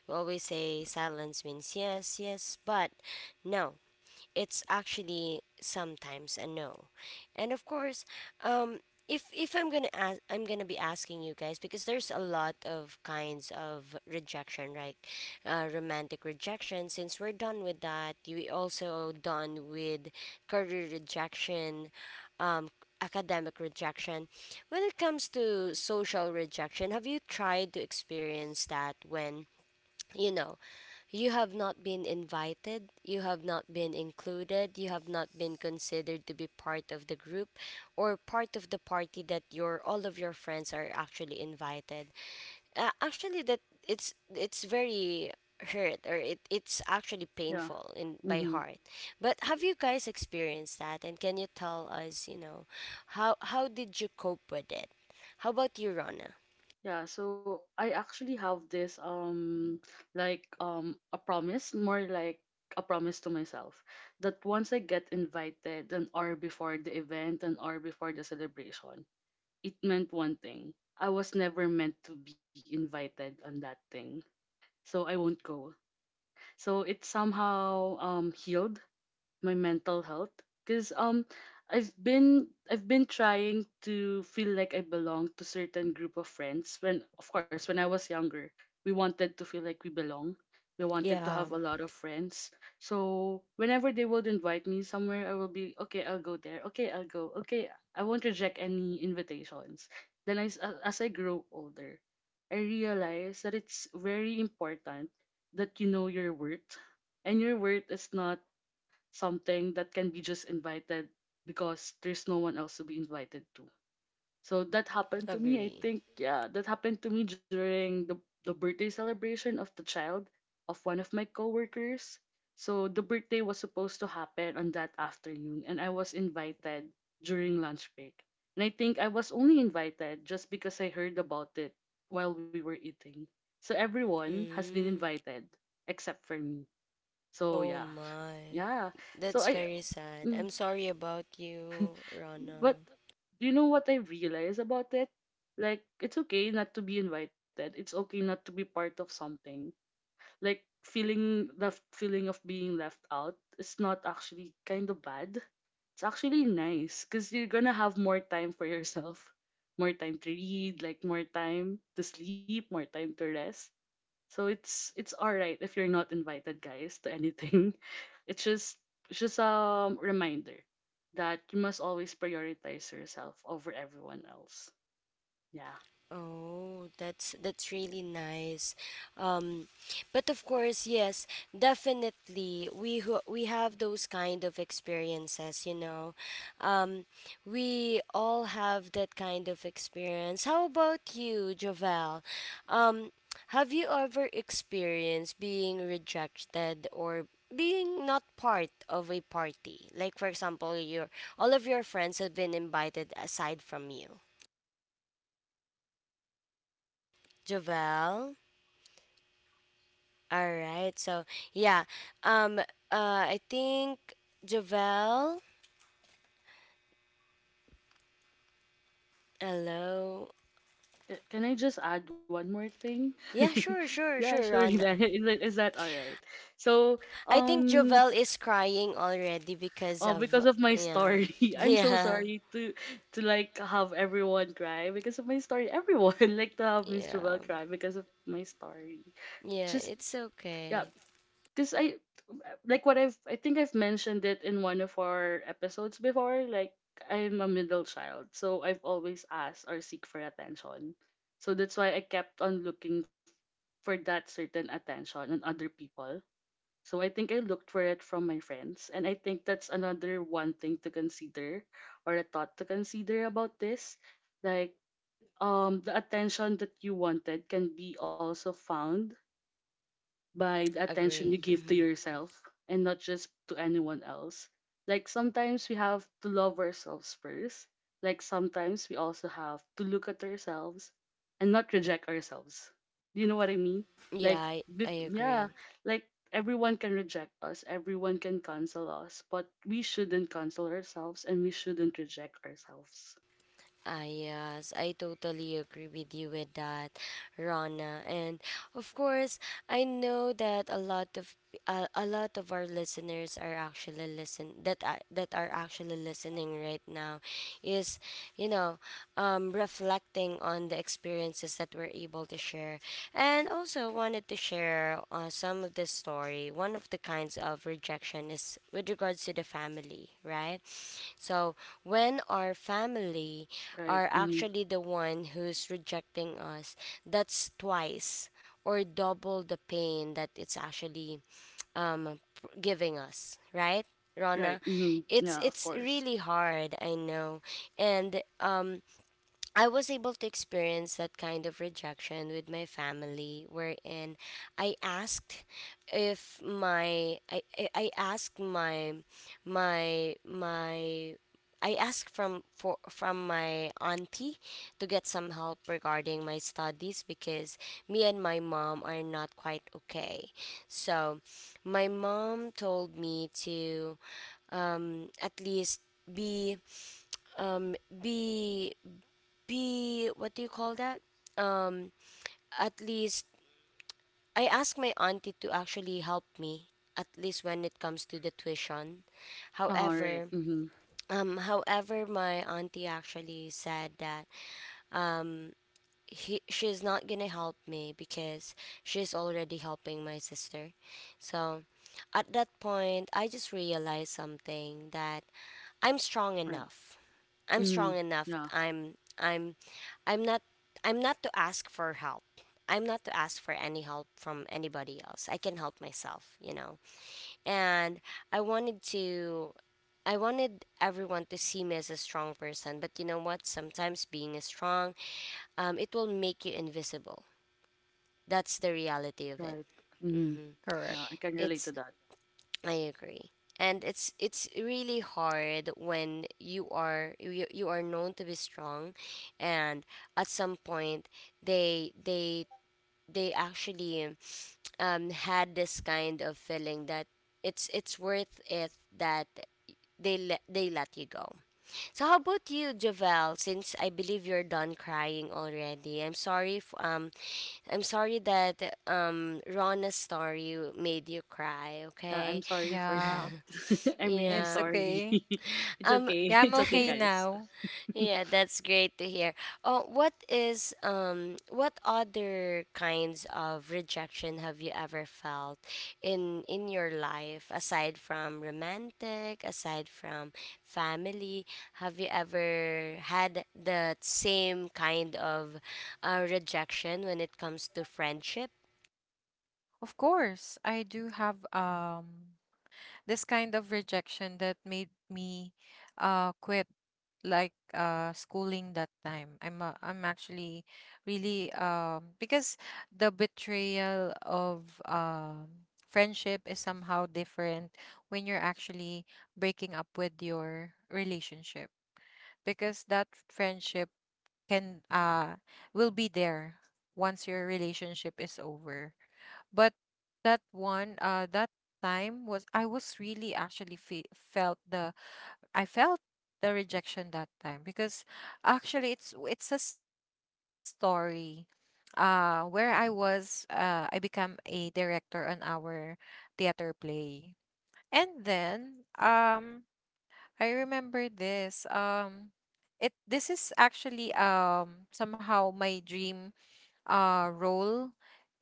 [SPEAKER 1] We always say silence means yes, yes, but no. It's actually sometimes a no. And of course, um, if if I'm gonna ask, I'm gonna be asking you guys, because there's a lot of kinds of rejection, right? Uh, romantic rejection. Since we're done with that, you also done with career rejection, um, academic rejection. When it comes to social rejection, have you tried to experience that when, you know, you have not been invited, you have not been included, you have not been considered to be part of the group or part of the party that your all of your friends are actually invited. Uh, actually that, it's it's very hurt, or it, it's actually
[SPEAKER 2] Yeah.
[SPEAKER 1] painful in by
[SPEAKER 2] Mm-hmm.
[SPEAKER 1] heart. But have you guys experienced that, and can you tell us, you know, how how did you cope with it? How about you, Rana?
[SPEAKER 2] Yeah. So I actually have this um like um a promise, more like a promise to myself that once I get invited an hour before the event, an hour before the celebration, it meant one thing. I was never meant to be invited on that thing. So I won't go. So it somehow um, healed my mental health because um I've been I've been trying to feel like I belong to certain group of friends when of course when I was younger we wanted to feel like we belong, we wanted to have
[SPEAKER 1] Yeah,
[SPEAKER 2] a lot of friends, so whenever they would invite me somewhere I will be okay, I'll go there, okay, I'll go, okay, I won't reject any invitations. Then I, s- a- as I grow older I realize that it's very important that you know your worth, and your worth is not something that can be just invited because there's no one else to be invited to. So that happened to me. I
[SPEAKER 1] agree.
[SPEAKER 2] think yeah, that happened to me during the the birthday celebration of the child of one of my coworkers. So the birthday was supposed to happen on that afternoon, and I was invited during lunch break. And I think I was only invited just because I heard about it while we were eating. So everyone has been
[SPEAKER 1] Mm.
[SPEAKER 2] invited except for me. So
[SPEAKER 1] Oh
[SPEAKER 2] yeah.
[SPEAKER 1] my.
[SPEAKER 2] Yeah. So
[SPEAKER 1] That's
[SPEAKER 2] I
[SPEAKER 1] very sad.
[SPEAKER 2] Mm,
[SPEAKER 1] I'm sorry about you,
[SPEAKER 2] but
[SPEAKER 1] Rana.
[SPEAKER 2] do you know what I realize about it? Like, it's okay not to be invited. It's okay not to be part of something. Like, feeling the feeling of being left out is not actually kind of bad. It's actually nice because you're gonna have more time for yourself, more time to read, like more time to sleep, more time to rest. So it's it's all right if you're not invited, guys, to anything. It's just it's just a reminder that you must always prioritize yourself over everyone else. Yeah.
[SPEAKER 1] Oh, that's that's really nice. Um, but of course, yes, definitely we who we have those kind of experiences, you know. Um, we all have that kind of experience. How about you, Jovel? Um, have you ever experienced being rejected or being not part of a party? Like for example, your all of your friends have been invited aside from you. Jovel? All right. So yeah, um, uh, I think Javel. Hello.
[SPEAKER 2] C- Can I just add one more thing?
[SPEAKER 1] Yeah, sure, sure,
[SPEAKER 2] Yeah, sure.
[SPEAKER 1] sure,
[SPEAKER 2] Hila.
[SPEAKER 1] Rana.
[SPEAKER 2] Is that, is that all right? So,
[SPEAKER 1] I think
[SPEAKER 2] um,
[SPEAKER 1] Javel is crying already because
[SPEAKER 2] uh,
[SPEAKER 1] of
[SPEAKER 2] because of my
[SPEAKER 1] yeah,
[SPEAKER 2] story, I'm so
[SPEAKER 1] yeah,
[SPEAKER 2] sorry to to like have everyone cry because of my story. Everyone like to have Miss
[SPEAKER 1] yeah,
[SPEAKER 2] Jewel cry because of my story.
[SPEAKER 1] yeah.
[SPEAKER 2] Just
[SPEAKER 1] It's
[SPEAKER 2] yeah,
[SPEAKER 1] okay.
[SPEAKER 2] because I like what I've I think I've mentioned it in one of our episodes before. Like I'm a middle child, so I've always asked or seek for attention. So that's why I kept on looking for that certain attention on other people. So I think I looked for it from my friends, and I think that's another one thing to consider or a thought to consider about this. Like, um the attention that you wanted can be also found by the attention you
[SPEAKER 1] Agree.
[SPEAKER 2] give to
[SPEAKER 1] Hmm.
[SPEAKER 2] yourself and not just to anyone else. Like sometimes we have to love ourselves first. Like sometimes we also have to look at ourselves and not reject ourselves. Do you know what I mean? Like,
[SPEAKER 1] Yeah, I
[SPEAKER 2] bef-
[SPEAKER 1] I
[SPEAKER 2] yeah,
[SPEAKER 1] agree.
[SPEAKER 2] like everyone can reject us, everyone can cancel us, but we shouldn't cancel ourselves and we shouldn't reject ourselves.
[SPEAKER 1] Ah, yes, I totally agree with you with that, Rana. And of course, I know that a lot of, uh, a a lot of our listeners are actually listen that uh, that are actually listening right now, is, you know, um, reflecting on the experiences that we're able to share, and also wanted to share, uh, some of the story. One of the kinds of rejection is with regards to the family, right? So when our family
[SPEAKER 2] Right.
[SPEAKER 1] are
[SPEAKER 2] Mm,
[SPEAKER 1] actually the one who's rejecting us, that's twice or double the pain that it's actually um p- giving us, right,
[SPEAKER 2] right.
[SPEAKER 1] Rona?
[SPEAKER 2] Mm,
[SPEAKER 1] it's
[SPEAKER 2] yeah, of
[SPEAKER 1] it's
[SPEAKER 2] course.
[SPEAKER 1] really hard, I know. And um I was able to experience that kind of rejection with my family, wherein I asked if my I I I asked my my my I asked from for from my auntie to get some help regarding my studies, because me and my mom are not quite okay. So, my mom told me to um at least be um be be what do you call that? Um, at least I asked my auntie to actually help me at least when it comes to the tuition.
[SPEAKER 2] All right.
[SPEAKER 1] However,
[SPEAKER 2] Mm,
[SPEAKER 1] um, however, my auntie actually said that, um, he, she's not gonna help me because she's already helping my sister. So at that point, I just realized something that I'm strong
[SPEAKER 2] right.
[SPEAKER 1] enough. I'm
[SPEAKER 2] Mm,
[SPEAKER 1] strong enough. I'm I'm I'm not I'm not to ask for help. I'm not to ask for any help from anybody else. I can help myself, you know. And I wanted to I wanted everyone to see me as a strong person, but you know what? Sometimes being a strong, um, it will make you invisible. That's the reality of it.
[SPEAKER 2] right. Hmm.
[SPEAKER 3] Correct.
[SPEAKER 2] Uh, I can relate to
[SPEAKER 1] It's,
[SPEAKER 2] that.
[SPEAKER 1] I agree. And it's it's really hard when you are you, you are known to be strong and at some point they they they actually um had this kind of feeling that it's it's worth it that they let they let you go. So how about you, Javel? Since I believe you're done crying already, I'm sorry. If, um, I'm sorry that um Rona's story made you cry.
[SPEAKER 2] Yeah,
[SPEAKER 1] Okay.
[SPEAKER 2] I'm sorry for
[SPEAKER 3] Yeah,
[SPEAKER 2] that. I'm really
[SPEAKER 3] it's
[SPEAKER 1] Yeah.
[SPEAKER 2] sorry.
[SPEAKER 3] okay.
[SPEAKER 2] It's
[SPEAKER 1] Um
[SPEAKER 2] okay.
[SPEAKER 3] Yeah, I'm
[SPEAKER 2] It's okay,
[SPEAKER 3] okay
[SPEAKER 2] guys.
[SPEAKER 3] now.
[SPEAKER 1] yeah, that's great to hear. Oh, what is um what other kinds of rejection have you ever felt in in your life aside from romantic, aside from family? Have you ever had the same kind of uh, rejection when it comes to friendship?
[SPEAKER 3] Of course, I do have um this kind of rejection that made me uh quit like uh schooling that time. I'm uh, I'm actually really um because the betrayal of um friendship is somehow different when you're actually breaking up with your relationship because that friendship can uh will be there once your relationship is over. But that one uh that time was I was really actually fe- felt the I felt the rejection that time because actually it's it's a story uh where I was uh I become a director on our theater play. And then um I remember this. Um, it this is actually um somehow my dream uh role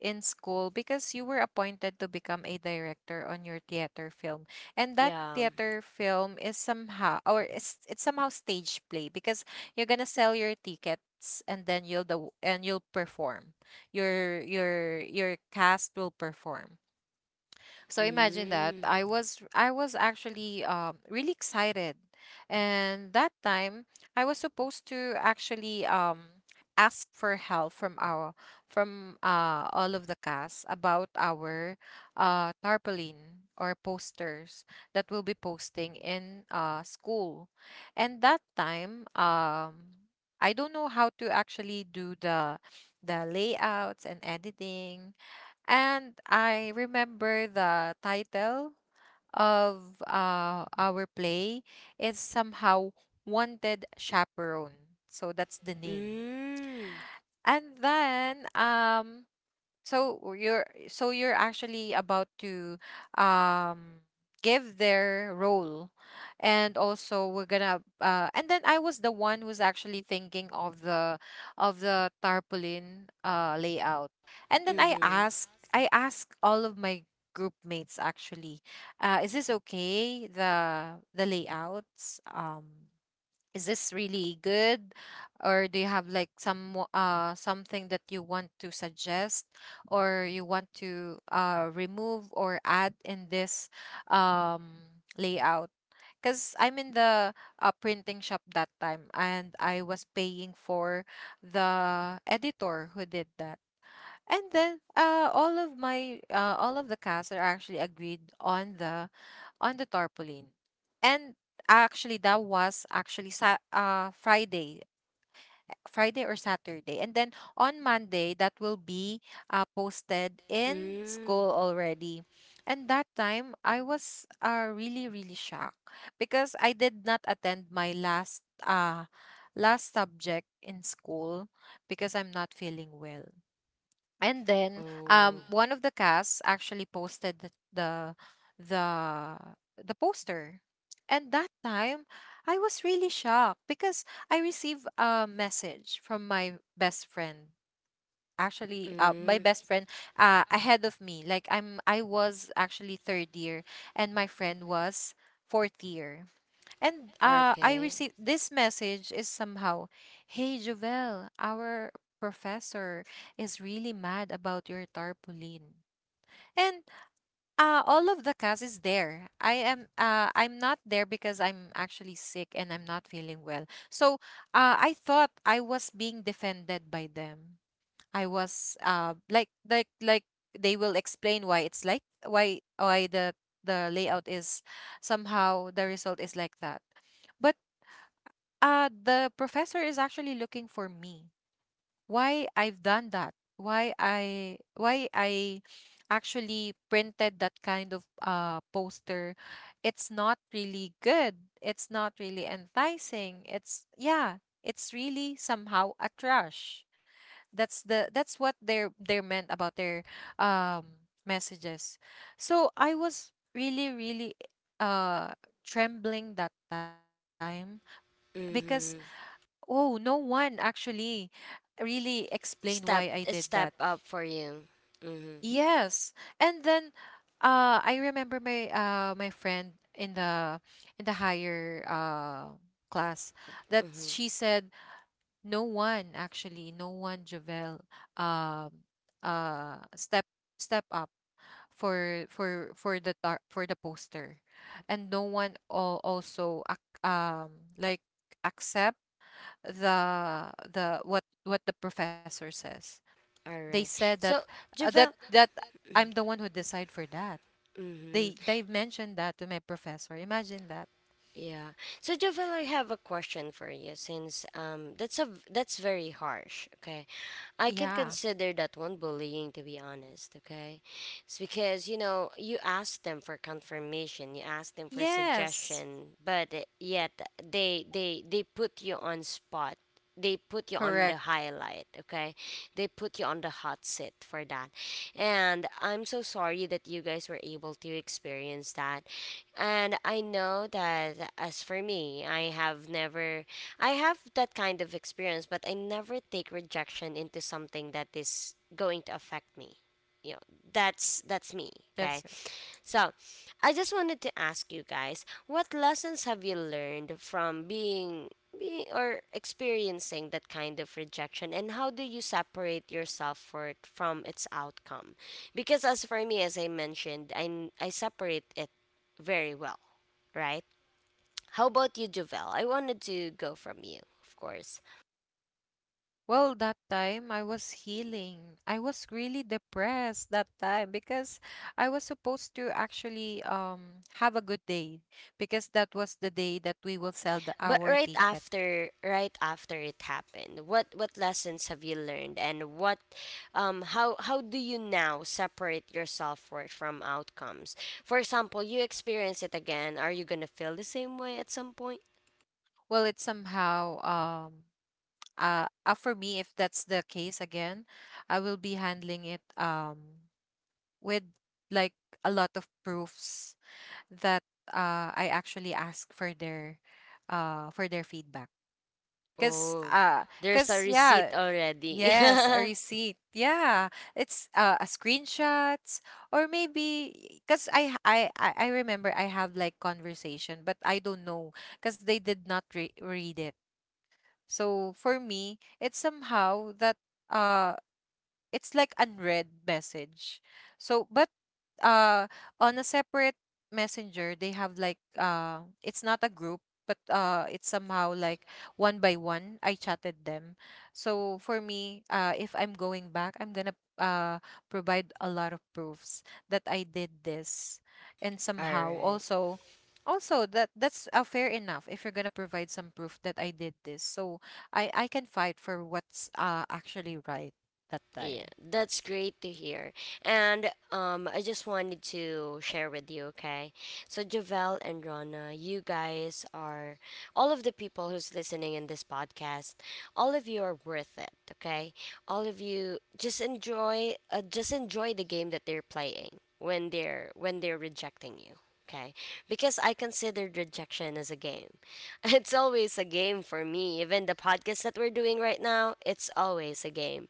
[SPEAKER 3] in school because you were appointed to become a director on your theater film, and that
[SPEAKER 1] Yeah.
[SPEAKER 3] theater film is somehow, or it's it's somehow stage play because you're gonna sell your tickets, and then you'll the and you'll perform your your your cast will perform. So imagine that
[SPEAKER 1] Mm.
[SPEAKER 3] I was I was actually um, really excited, and that time I was supposed to actually um, ask for help from our from uh, all of the cast about our uh, tarpaulin or posters that we'll be posting in uh, school, and that time um, I don't know how to actually do the the layouts and editing, and I remember the title of uh, our play is somehow Wanted Chaperone. So that's the name.
[SPEAKER 1] Mm.
[SPEAKER 3] And then um so you're so you're actually about to um give their role, and also we're gonna uh and then I was the one who's actually thinking of the of the tarpaulin uh layout. And then I
[SPEAKER 1] Mhm.
[SPEAKER 3] asked I asked all of my group mates actually, uh, is this okay, the the layouts? Um is this really good, or do you have like some wo- uh something that you want to suggest, or you want to uh remove or add in this um layout, because I'm in the uh, printing shop that time and I was paying for the editor who did that. And then uh all of my uh all of the cast are actually agreed on the on the tarpaulin. And actually that was actually sa- uh Friday, Friday or Saturday. And then on Monday that will be uh, posted in
[SPEAKER 1] Mm.
[SPEAKER 3] school already. And that time I was uh, really really shocked because I did not attend my last uh last subject in school because I'm not feeling well. And then
[SPEAKER 1] Oh.
[SPEAKER 3] um one of the casts actually posted the the the, the poster. And that time I was really shocked because I received a message from my best friend. Actually, uh, my
[SPEAKER 1] Mm.
[SPEAKER 3] best friend uh, ahead of me. Like I'm I was actually third year and my friend was fourth year. And uh, I
[SPEAKER 1] Okay.
[SPEAKER 3] received this message is somehow, hey Jovel, our professor is really mad about your tarpaulin. And uh, all of the cast is there. I am uh, I'm not there because I'm actually sick and I'm not feeling well. So uh, I thought I was being defended by them. I was uh, like like like they will explain why it's like why why the the layout is somehow, the result is like that, but. Uh, the professor is actually looking for me. Why I've done that? Why I why I actually printed that kind of uh poster? It's not really good. It's not really enticing. It's, yeah, it's really somehow a trash. That's the that's what they're they're meant about their um messages. So I was really really uh trembling that time, because
[SPEAKER 1] Mhm.
[SPEAKER 3] oh, no one actually really explained why I did
[SPEAKER 1] Step
[SPEAKER 3] that.
[SPEAKER 1] step up for you. Mhm.
[SPEAKER 3] Yes. And then uh I remember my uh my friend in the in the higher uh class that
[SPEAKER 1] Mhm.
[SPEAKER 3] she said, no one actually, no one, Javel, um uh step step up for for for the tar- for the poster, and no one al- also ac- um like accept the the what what the professor says.
[SPEAKER 1] All
[SPEAKER 3] They
[SPEAKER 1] right.
[SPEAKER 3] said that
[SPEAKER 1] So,
[SPEAKER 3] uh, that
[SPEAKER 1] Javel.
[SPEAKER 3] that I'm the one who decide for that.
[SPEAKER 1] Mhm.
[SPEAKER 3] They they mentioned that to my professor. Imagine that.
[SPEAKER 1] Yeah. So Jovel, I have a question for you since um that's a v- that's very harsh, okay? I can
[SPEAKER 3] Yeah.
[SPEAKER 1] consider that one bullying to be honest, okay? It's because, you know, you ask them for confirmation, you ask them for
[SPEAKER 3] Yes.
[SPEAKER 1] suggestion, but uh, yet they they they put you on spot. They put you on the
[SPEAKER 3] Correct.
[SPEAKER 1] highlight, okay? They put you on the hot seat for that. And I'm so sorry that you guys were able to experience that. And I know that as for me, I have never I have that kind of experience, but I never take rejection into something that is going to affect me. You know, that's that's me,
[SPEAKER 3] Yes,
[SPEAKER 1] okay?
[SPEAKER 3] sir.
[SPEAKER 1] So, I just wanted to ask you guys, what lessons have you learned from being, being or experiencing that kind of rejection, and how do you separate yourself for it from its outcome? Because as for me, as I mentioned, I I separate it very well, right? How about you, Javel? I wanted to go from you, of course.
[SPEAKER 3] Well, that time I was healing. I was really depressed that time because I was supposed to actually um have a good day because that was the day that we will sell the
[SPEAKER 1] But
[SPEAKER 3] our
[SPEAKER 1] right
[SPEAKER 3] ticket.
[SPEAKER 1] after right after it happened, what what lessons have you learned, and what um how how do you now separate your self-worth from outcomes? For example, you experience it again, are you going to feel the same way at some point?
[SPEAKER 3] Well, it somehow um uh, uh for me, if that's the case again, I will be handling it um with like a lot of proofs that uh I actually ask for their uh for their feedback because
[SPEAKER 1] Oh,
[SPEAKER 3] uh
[SPEAKER 1] there's a
[SPEAKER 3] because,
[SPEAKER 1] receipt
[SPEAKER 3] yeah,
[SPEAKER 1] already.
[SPEAKER 3] yes, a receipt, yeah, it's uh a screenshots, or maybe because I, h- I i I remember I have like conversation but I don't know because they did not re- read it. So for me, it's somehow that uh it's like unread message. So, but uh, on a separate messenger, they have like uh, it's not a group, but uh, it's somehow like one by one. I chatted them. So for me, uh, if I'm going back, I'm gonna uh provide a lot of proofs that I did this, and
[SPEAKER 1] All
[SPEAKER 3] somehow
[SPEAKER 1] right.
[SPEAKER 3] also. Also, that that's uh, fair enough. If you're gonna provide some proof that I did this, so I I can fight for what's uh actually right that
[SPEAKER 1] Yeah,
[SPEAKER 3] time.
[SPEAKER 1] that's great to hear. And um, I just wanted to share with you, okay? So, Javel and Rana, you guys are all of the people who's listening in this podcast. All of you are worth it, okay? All of you just enjoy, uh, just enjoy the game that they're playing when they're when they're rejecting you, okay? Because I consider rejection as a game. It's always a game for me. Even the podcast that we're doing right now, it's always a game.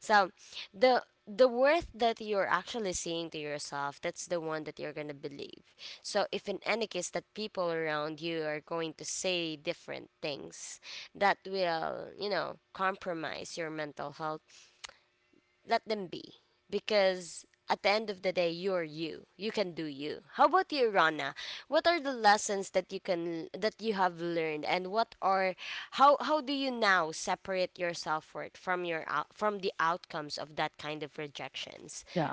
[SPEAKER 1] So the the worth that you're actually saying to yourself, that's the one that you're gonna believe. So if in any case that people around you are going to say different things that will, you know, compromise your mental health, let them be, because at the end of the day you're you you can do you how about you rana what are the lessons that you can that you have learned, and what are how how do you now separate your self-worth from your out from the outcomes of that kind of rejections?
[SPEAKER 2] Yeah.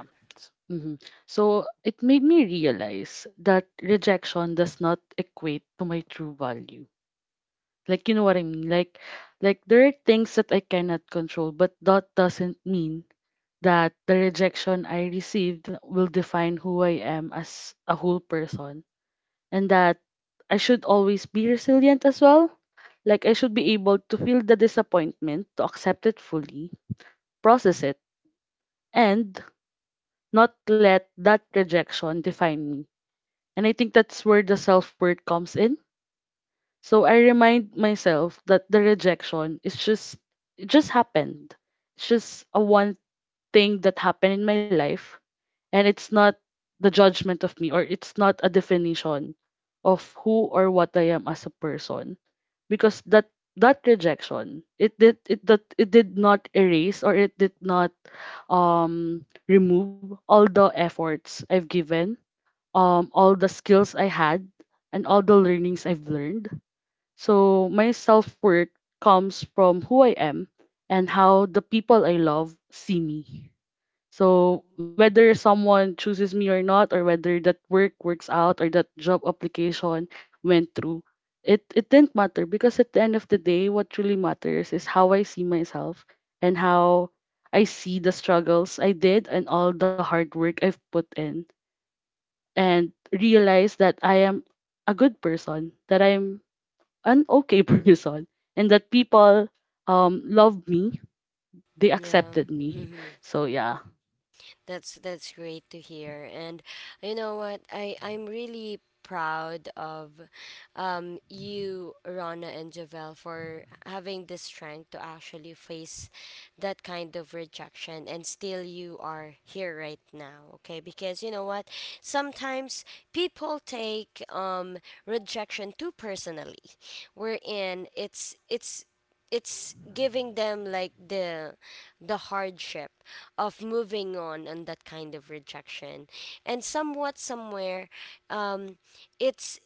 [SPEAKER 2] Mm-hmm. So it made me realize that rejection does not equate to my true value. Like, you know what I mean? Like, like there are things that I cannot control, but that doesn't mean that the rejection I received will define who I am as a whole person, and that I should always be resilient as well. Like I should be able to feel the disappointment, to accept it fully, process it, and not let that rejection define me. And I think that's where the self worth comes in. So I remind myself that the rejection is just it just happened. It's just a one thing that happened in my life, and it's not the judgment of me, or it's not a definition of who or what I am as a person, because that that rejection it did it that it did not erase, or it did not um remove all the efforts I've given, um all the skills I had, and all the learnings I've learned. So my self-worth comes from who I am and how the people I love see me. So whether someone chooses me or not, or whether that work works out, or that job application went through, it it didn't matter, because at the end of the day, what truly matters is how I see myself and how I see the struggles I did and all the hard work I've put in, and realize that I am a good person, that I'm an okay person, and that people um love me, they
[SPEAKER 1] Yeah.
[SPEAKER 2] accepted me.
[SPEAKER 1] Mm-hmm.
[SPEAKER 2] So yeah.
[SPEAKER 1] That's that's great to hear. And you know what? I I'm really proud of um you, Rana and Javel, for having the strength to actually face that kind of rejection, and still you are here right now, okay? Because you know what, sometimes people take um rejection too personally, wherein it's it's it's giving them like the the hardship of moving on and that kind of rejection. And somewhat somewhere, um it's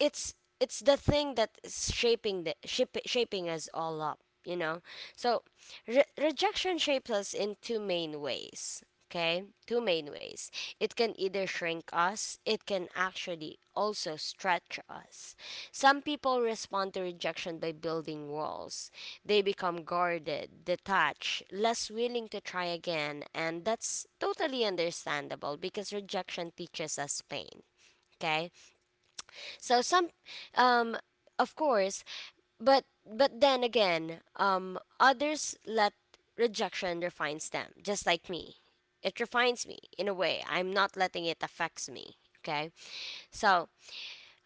[SPEAKER 1] it's it's the thing that is shaping the shape, shaping us all up, you know? So re- rejection shapes us in two main ways, okay? Two main ways. It can either shrink us, it can actually also stretch us. Some people respond to rejection by building walls. They become guarded, detached, less willing to try again, and that's totally understandable because rejection teaches us pain. Okay, so some, um, of course, but but then again, um, others let rejection refines them, just like me. It refines me in a way. I'm not letting it affects me. Okay, so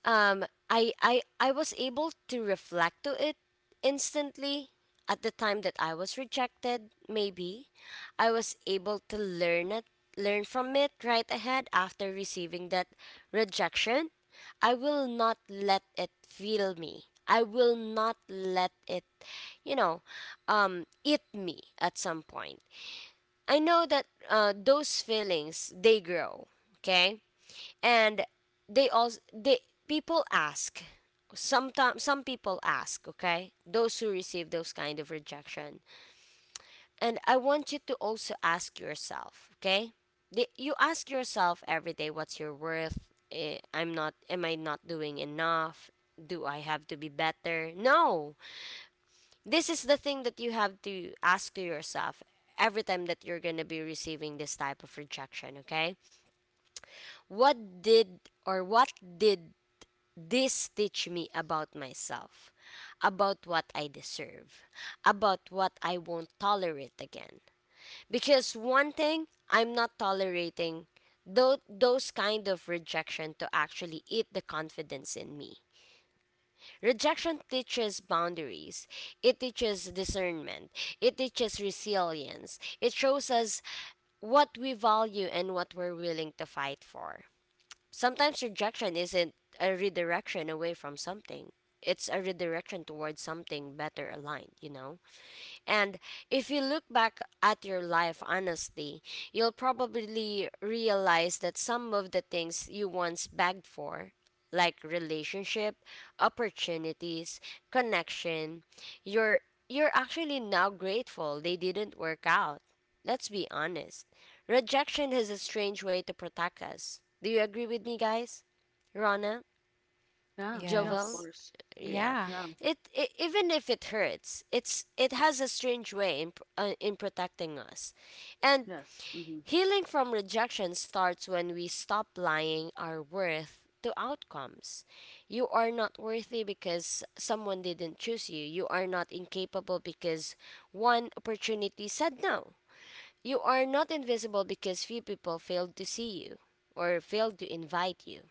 [SPEAKER 1] um, I, I, I was able to reflect to it instantly at the time that I was rejected, maybe. I was able to learn it, learn from it right ahead after receiving that rejection. I will not let it feel me. I will not let it, you know, um, eat me at some point. I know that uh, those feelings, they grow, okay? And they also they people ask sometimes. Some people ask, okay, those who receive those kind of rejection, and I want you to also ask yourself, okay? The, you ask yourself every day, what's your worth? Eh, I'm not am I not doing enough? Do I have to be better? No. This is the thing that you have to ask to yourself every time that you're going to be receiving this type of rejection, okay? What did or what did this teach me about myself? About what I deserve? About what I won't tolerate again? Because one thing I'm not tolerating tho- those kind of rejection to actually eat the confidence in me. Rejection teaches boundaries. It teaches discernment. It teaches resilience. It shows us what we value and what we're willing to fight for. Sometimes rejection isn't a redirection away from something, it's a redirection towards something better aligned, you know? And if you look back at your life honestly, you'll probably realize that some of the things you once begged for, like relationship, opportunities, connection, you're you're actually now grateful they didn't work out. Let's be honest. Rejection has a strange way to protect us. Do you agree with me, guys? Rana,
[SPEAKER 2] Yeah, yeah, of
[SPEAKER 1] Jovel,
[SPEAKER 3] Yes.
[SPEAKER 2] course. Okay.
[SPEAKER 1] yeah,
[SPEAKER 3] Yeah.
[SPEAKER 2] Yeah,
[SPEAKER 1] it, it even if it hurts, it's it has a strange way in pr- uh, in protecting us, and
[SPEAKER 2] yes. Mm-hmm.
[SPEAKER 1] healing from rejection starts when we stop lying our worth to outcomes. You are not worthy because someone didn't choose you. You are not incapable because one opportunity said no. You are not invisible because few people failed to see you or failed to invite you.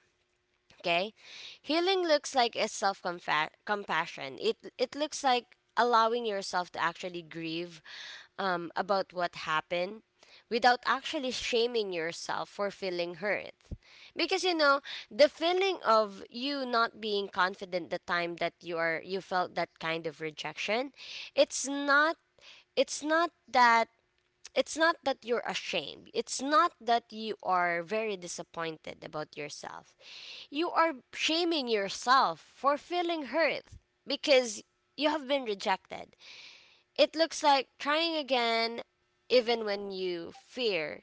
[SPEAKER 1] Okay? Healing looks like a self compassion. It it looks like allowing yourself to actually grieve um, about what happened without actually shaming yourself for feeling hurt. Because you know, the feeling of you not being confident the time that you are you felt that kind of rejection, it's not it's not that it's not that you're ashamed. It's not that you are very disappointed about yourself. You are shaming yourself for feeling hurt because you have been rejected. It looks like trying again, even when you fear,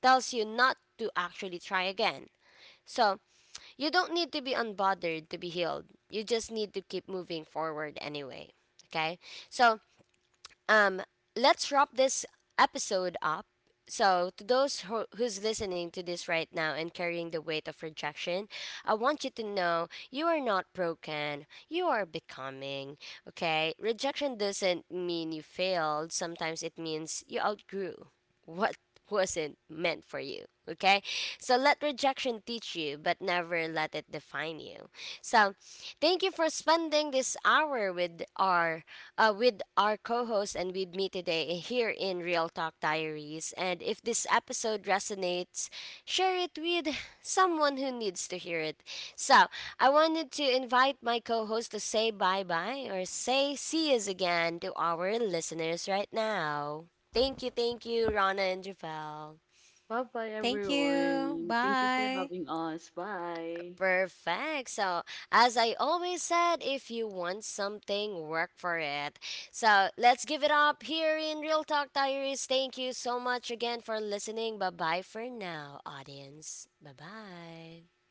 [SPEAKER 1] tells you not to actually try again. So, you don't need to be unbothered to be healed. You just need to keep moving forward anyway. Okay? So, um, let's wrap this episode up. So, to those who, who's listening to this right now and carrying the weight of rejection, I want you to know you are not broken. You are becoming. Okay? Rejection doesn't mean you failed. Sometimes it means you outgrew what wasn't meant for you. Okay? So let rejection teach you, but never let it define you. So, thank you for spending this hour with our uh, with our co host and with me today here in Real Talk Diaries. And if this episode resonates, share it with someone who needs to hear it. So I wanted to invite my co host to say bye bye or say see us again to our listeners right now. Thank you, thank you, Rana and Javel.
[SPEAKER 2] Bye bye,
[SPEAKER 3] Thank you.
[SPEAKER 2] everyone. Thank you for
[SPEAKER 3] Bye.
[SPEAKER 2] having us. Bye.
[SPEAKER 1] Perfect. So, as I always said, if you want something, work for it. So, let's give it up here in Real Talk Diaries. Thank you so much again for listening. Bye bye for now, audience. Bye bye.